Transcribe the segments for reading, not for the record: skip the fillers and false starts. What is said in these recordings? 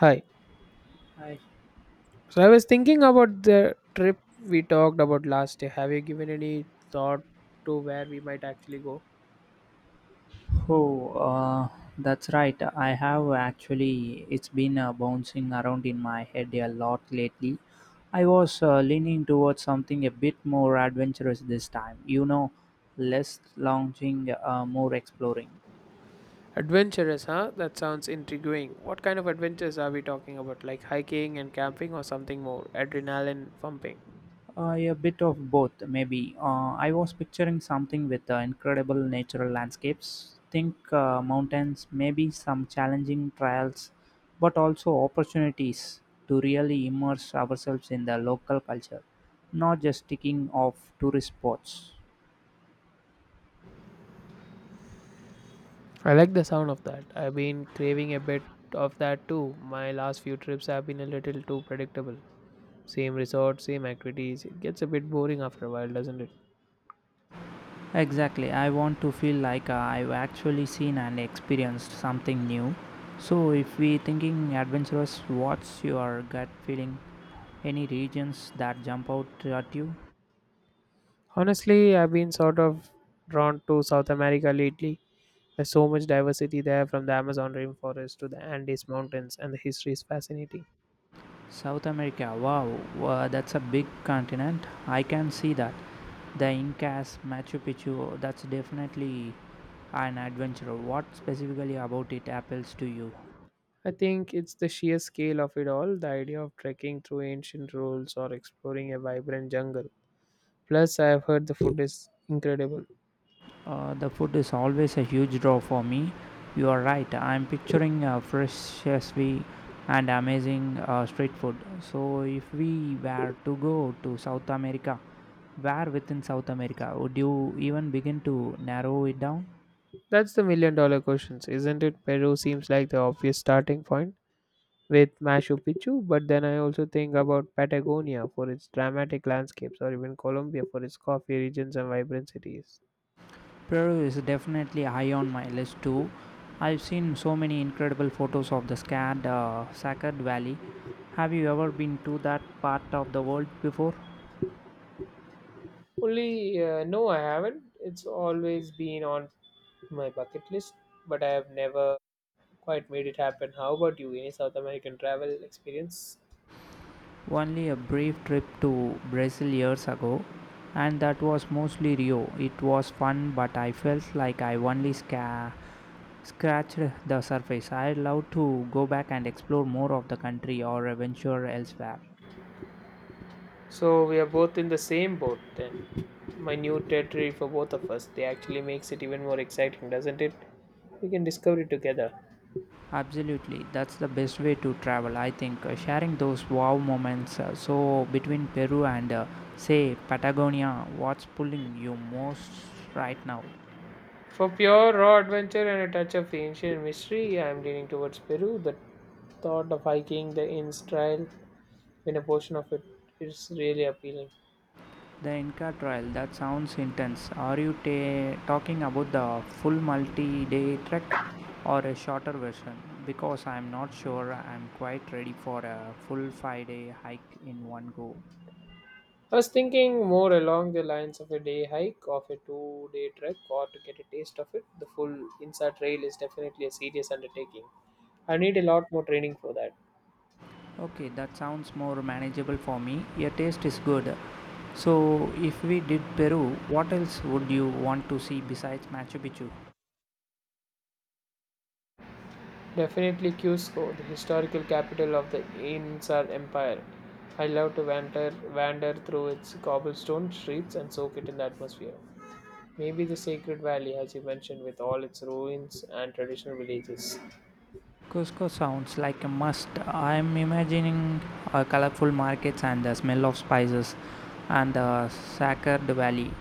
Hi. I. So I was thinking about the trip we talked about last day. Have you given any thought to where we might actually go? Oh, that's right. I have actually, it's been bouncing around in my head a lot lately. I was leaning towards something a bit more adventurous this time, you know, less lounging, more exploring. Adventurous, huh? That sounds intriguing. What kind of adventures are we talking about? Like hiking and camping or something more? Adrenaline pumping. A bit of both, maybe. I was picturing something with incredible natural landscapes. Think mountains, maybe some challenging trials, but also opportunities to really immerse ourselves in the local culture, not just ticking off tourist spots. I like the sound of that. I've been craving a bit of that too. My last few trips have been a little too predictable. Same resort, same activities. It gets a bit boring after a while, doesn't it? Exactly. I want to feel like I've actually seen and experienced something new. So, if we thinking adventurous, what's your gut feeling? Any regions that jump out at you? Honestly, I've been sort of drawn to South America lately. There's so much diversity there from the Amazon rainforest to the Andes Mountains, and the history is fascinating. South America, wow, that's a big continent. I can see that. The Incas, Machu Picchu, that's definitely an adventure. What specifically about it appeals to you? I think it's the sheer scale of it all, the idea of trekking through ancient rules or exploring a vibrant jungle. Plus, I've heard the food is incredible. The food is always a huge draw for me. You are right. I'm picturing fresh sesame and amazing street food. So, if we were to go to South America, where within South America would you even begin to narrow it down? That's the million-dollar questions, isn't it? Peru seems like the obvious starting point with Machu Picchu, but then I also think about Patagonia for its dramatic landscapes or even Colombia for its coffee regions and vibrant cities. Peru is definitely high on my list too. I've seen so many incredible photos of the scarred, Sacred Valley. Have you ever been to that part of the world before? Only, no, I haven't. It's always been on my bucket list, but I have never quite made it happen. How about you? Any South American travel experience? Only a brief trip to Brazil years ago, and that was mostly Rio. It was fun, but I felt like I only scratched the surface. I'd love to go back and explore more of the country or adventure elsewhere. So we are both in the same boat then. My new territory for both of us. They actually makes it even more exciting, doesn't it? We can discover it together. Absolutely, that's the best way to travel. I think sharing those wow moments. So between Peru and say Patagonia, what's pulling you most right now? For pure raw adventure and a touch of ancient mystery, I am leaning towards Peru. The thought of hiking the Inns Trail in a portion of it is really appealing. The Inca Trail. That sounds intense. Are you talking about the full multi-day trek or a shorter version? Because I'm not sure I'm quite ready for a full five-day hike in one go. I was thinking more along the lines of a day hike, of a 2-day trek, or to get a taste of it. The full Insa trail is definitely a serious undertaking. I need a lot more training for that. Okay, that sounds more manageable for me. Your taste is good. So, if we did Peru, what else would you want to see besides Machu Picchu? Definitely Cusco, the historical capital of the Inca Empire. I love to wander through its cobblestone streets and soak it in the atmosphere. Maybe the Sacred Valley, as you mentioned, with all its ruins and traditional villages. Cusco sounds like a must. I'm imagining colorful markets and the smell of spices and the Sacred Valley.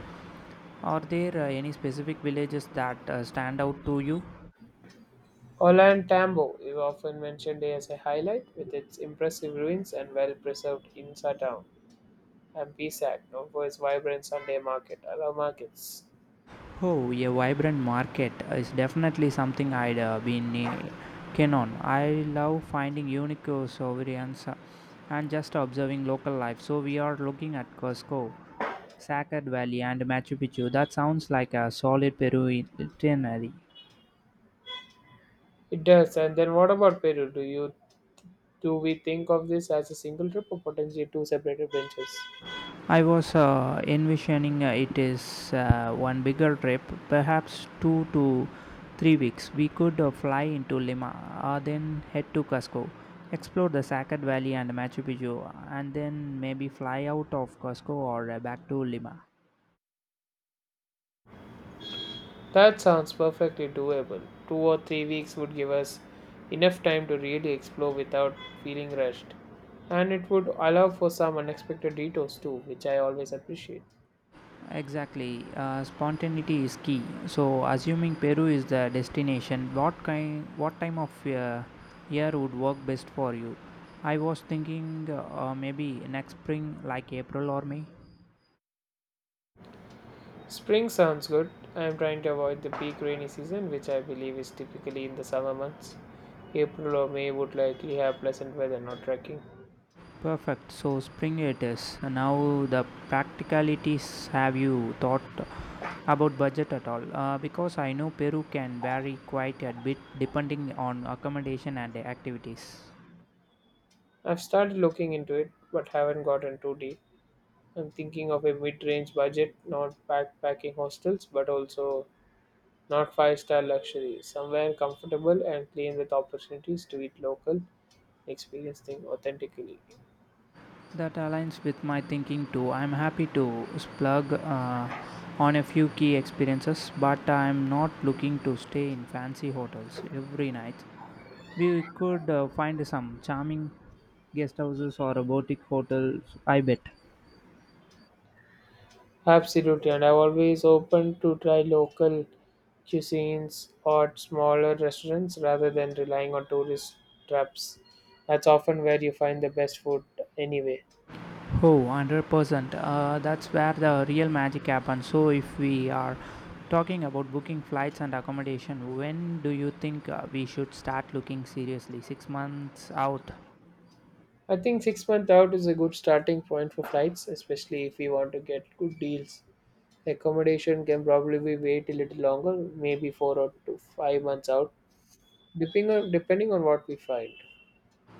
Are there any specific villages that stand out to you? Orlan Tambo is often mentioned as a highlight, with its impressive ruins and well-preserved Insa town, and Pisac, known for its vibrant Sunday market, allow markets. Oh, a vibrant market is definitely something I'd been keen on. I love finding unique sovereigns and just observing local life. So we are looking at Cusco, Sacred Valley, and Machu Picchu. That sounds like a solid Peru itinerary. It does. And then what about Peru? Do we think of this as a single trip or potentially two separate adventures? I was envisioning it is one bigger trip, perhaps 2 to 3 weeks. We could fly into Lima, then head to Cusco, explore the Sacat Valley and Machu Picchu, and then maybe fly out of Cusco or back to Lima. That sounds perfectly doable. 2 or 3 weeks would give us enough time to really explore without feeling rushed. And it would allow for some unexpected detours too, which I always appreciate. Exactly. Spontaneity is key. So, assuming Peru is the destination, what kind, what time of year would work best for you? I was thinking maybe next spring, like April or May. Spring sounds good. I am trying to avoid the peak rainy season, which I believe is typically in the summer months. April or May would likely have pleasant weather, not trekking. Perfect. So, spring it is. Now, the practicalities. Have you thought about budget at all? Because I know Peru can vary quite a bit depending on accommodation and activities. I've started looking into it, but haven't gotten too deep. I'm thinking of a mid range budget, not backpacking hostels, but also not five-star luxury. Somewhere comfortable and clean with opportunities to eat local, experience things authentically. That aligns with my thinking too. I'm happy to splurge on a few key experiences, but I'm not looking to stay in fancy hotels every night. We could find some charming guest houses or a boutique hotels, I bet. Absolutely, and I'm always open to try local cuisines or smaller restaurants rather than relying on tourist traps. That's often where you find the best food anyway. Oh, 100%. That's where the real magic happens. So, if we are talking about booking flights and accommodation, when do you think we should start looking seriously? 6 months out? I think 6 months out is a good starting point for flights, especially if you want to get good deals. Accommodation can probably be wait a little longer, maybe four or to 5 months out, depending on what we find.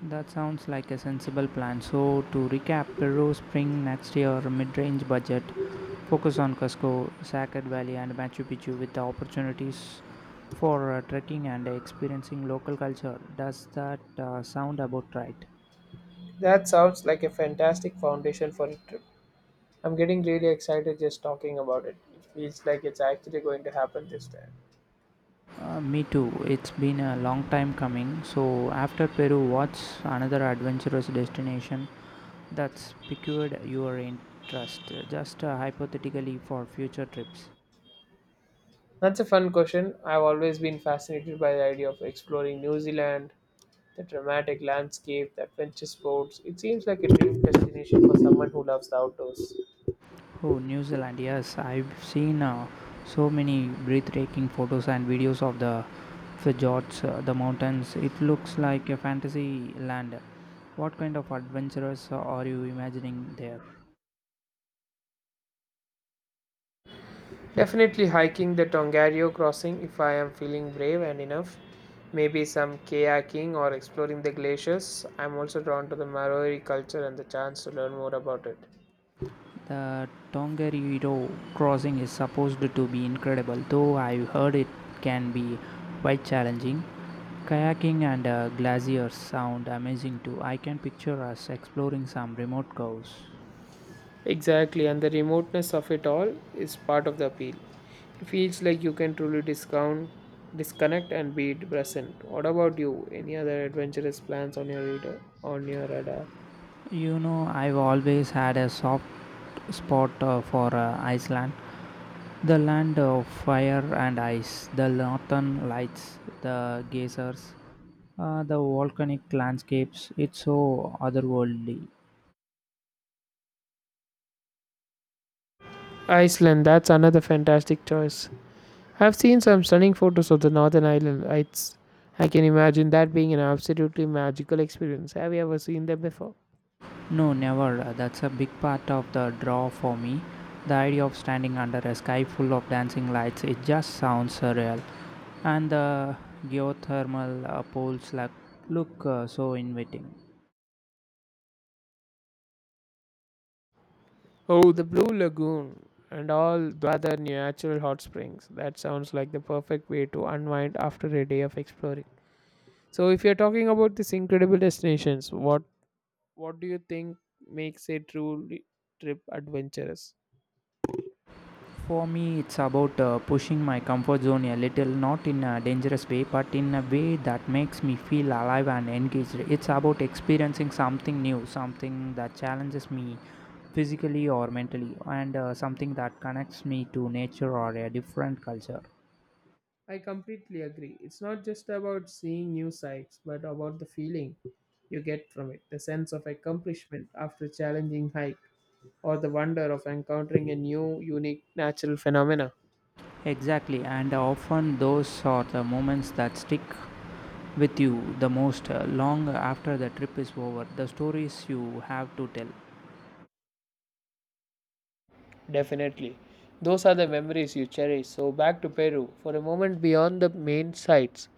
That sounds like a sensible plan. So, to recap, Peru spring next year, mid range budget, focus on Cusco, Sacred Valley, and Machu Picchu with the opportunities for trekking and experiencing local culture. Does that sound about right? That sounds like a fantastic foundation for a trip. I'm getting really excited just talking about it. It feels like it's actually going to happen this time. Me too. It's been a long time coming. So, after Peru, what's another adventurous destination that's piqued your interest? Just hypothetically for future trips. That's a fun question. I've always been fascinated by the idea of exploring New Zealand, the dramatic landscape, the adventure sports. It seems like a dream destination for someone who loves the outdoors. Oh, New Zealand, yes, I've seen so many breathtaking photos and videos of the fjords, the mountains. It looks like a fantasy land. What kind of adventures are you imagining there? Definitely hiking the Tongariro crossing if I am feeling brave and enough. Maybe some kayaking or exploring the glaciers. I'm also drawn to the Maori culture and the chance to learn more about it. The Tongariro crossing is supposed to be incredible, though I've heard it can be quite challenging. Kayaking and glaciers sound amazing too. I can picture us exploring some remote coves. Exactly, and the remoteness of it all is part of the appeal. It feels like you can truly disconnect, and be present. What about you? Any other adventurous plans on your radar? On your radar? You know, I've always had a soft spot for Iceland. The land of fire and ice, the northern lights, the geysers, the volcanic landscapes. It's so otherworldly. Iceland. That's another fantastic choice. I've seen some stunning photos of the northern island. It's, I can imagine that being an absolutely magical experience. Have you ever seen them before? No, never. That's a big part of the draw for me. The idea of standing under a sky full of dancing lights, it just sounds surreal. And the geothermal pools like, look so inviting. Oh, the Blue Lagoon and all the other natural hot springs. That sounds like the perfect way to unwind after a day of exploring. So, if you're talking about these incredible destinations, what do you think makes a truly trip adventurous? For me, it's about pushing my comfort zone a little, not in a dangerous way, but in a way that makes me feel alive and engaged. It's about experiencing something new, something that challenges me physically or mentally, and something that connects me to nature or a different culture. I completely agree. It's not just about seeing new sights, but about the feeling you get from it, the sense of accomplishment after a challenging hike, or the wonder of encountering a new, unique natural phenomena. Exactly, and often those are the moments that stick with you the most long after the trip is over. The stories you have to tell. Definitely. Those are the memories you cherish. So, back to Peru. For a moment beyond the main sites,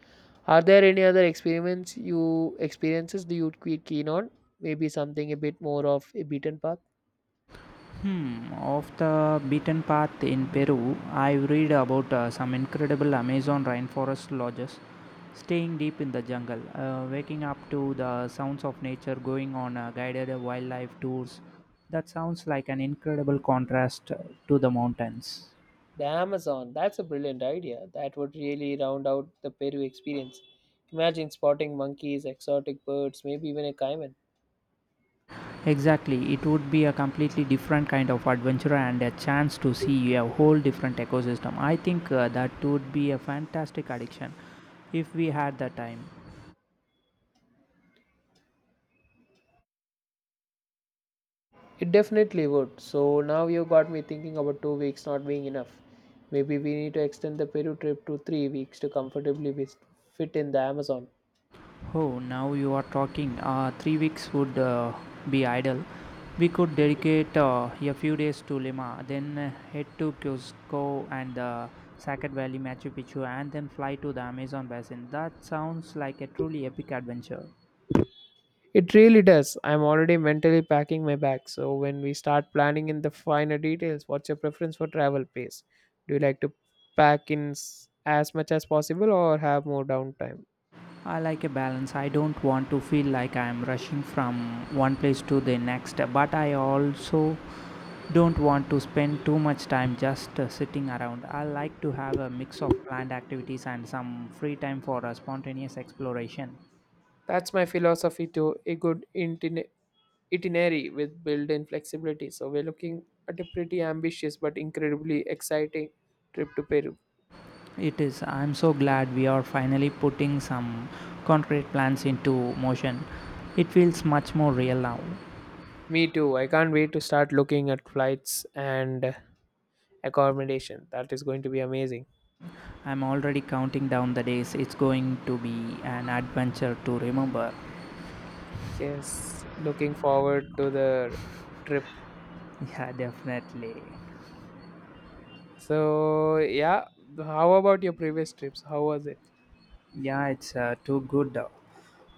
are there any other experiments you experiences do you keep keen on? Maybe something a bit more of a beaten path? Hmm, off the beaten path in Peru, I read about some incredible Amazon rainforest lodges, staying deep in the jungle, waking up to the sounds of nature, going on guided wildlife tours. That sounds like an incredible contrast to the mountains. The Amazon. That's a brilliant idea. That would really round out the Peru experience. Imagine spotting monkeys, exotic birds, maybe even a caiman. Exactly, it would be a completely different kind of adventure and a chance to see a whole different ecosystem. I think that would be a fantastic addiction if we had the time. It definitely would. So now you got me thinking about 2 weeks not being enough. Maybe we need to extend the Peru trip to 3 weeks to comfortably fit in the Amazon. Oh, now you are talking. Three weeks would be ideal. We could dedicate a few days to Lima, then head to Cusco and the Sacred Valley, Machu Picchu, and then fly to the Amazon basin. That sounds like a truly epic adventure. It really does. I'm already mentally packing my bag. So when we start planning in the finer details, what's your preference for travel pace? Do you like to pack in as much as possible or have more downtime? I like a balance. I don't want to feel like I am rushing from one place to the next, but I also don't want to spend too much time just sitting around. I like to have a mix of planned activities and some free time for a spontaneous exploration. That's my philosophy too. A good itinerary with built-in flexibility. So we're looking at a pretty ambitious but incredibly exciting trip to Peru. It is, I'm so glad we are finally putting some concrete plans into motion. It feels much more real now. Me too. I can't wait to start looking at flights and accommodation. That is going to be amazing. I'm already counting down the days. It's going to be an adventure to remember. Yes, looking forward to the trip. Yeah, definitely. So yeah, how about your previous trips? How was it? Yeah, it's too good.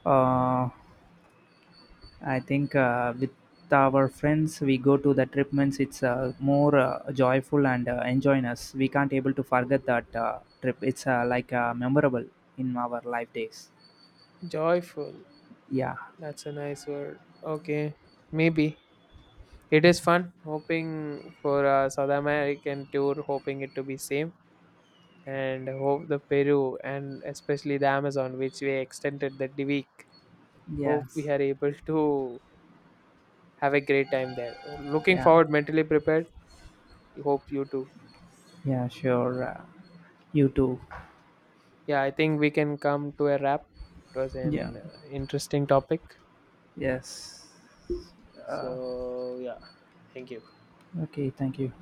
Uh, I think with our friends, we go to the trip means it's more joyful and enjoying us. We can't able to forget that trip. It's like memorable in our life days. Joyful. Yeah. That's a nice word. Okay, maybe. It is fun hoping for a South American tour, hoping it to be same, and hope the Peru and especially the Amazon, which we extended the week. Hope Yes. we are able to have a great time there. Looking Yeah. forward, mentally prepared. Hope you too. Yeah. Sure. You too. Yeah, I think we can come to a wrap. It was Yeah. an interesting topic. Yes. Uh, So yeah, thank you. okay. Thank you.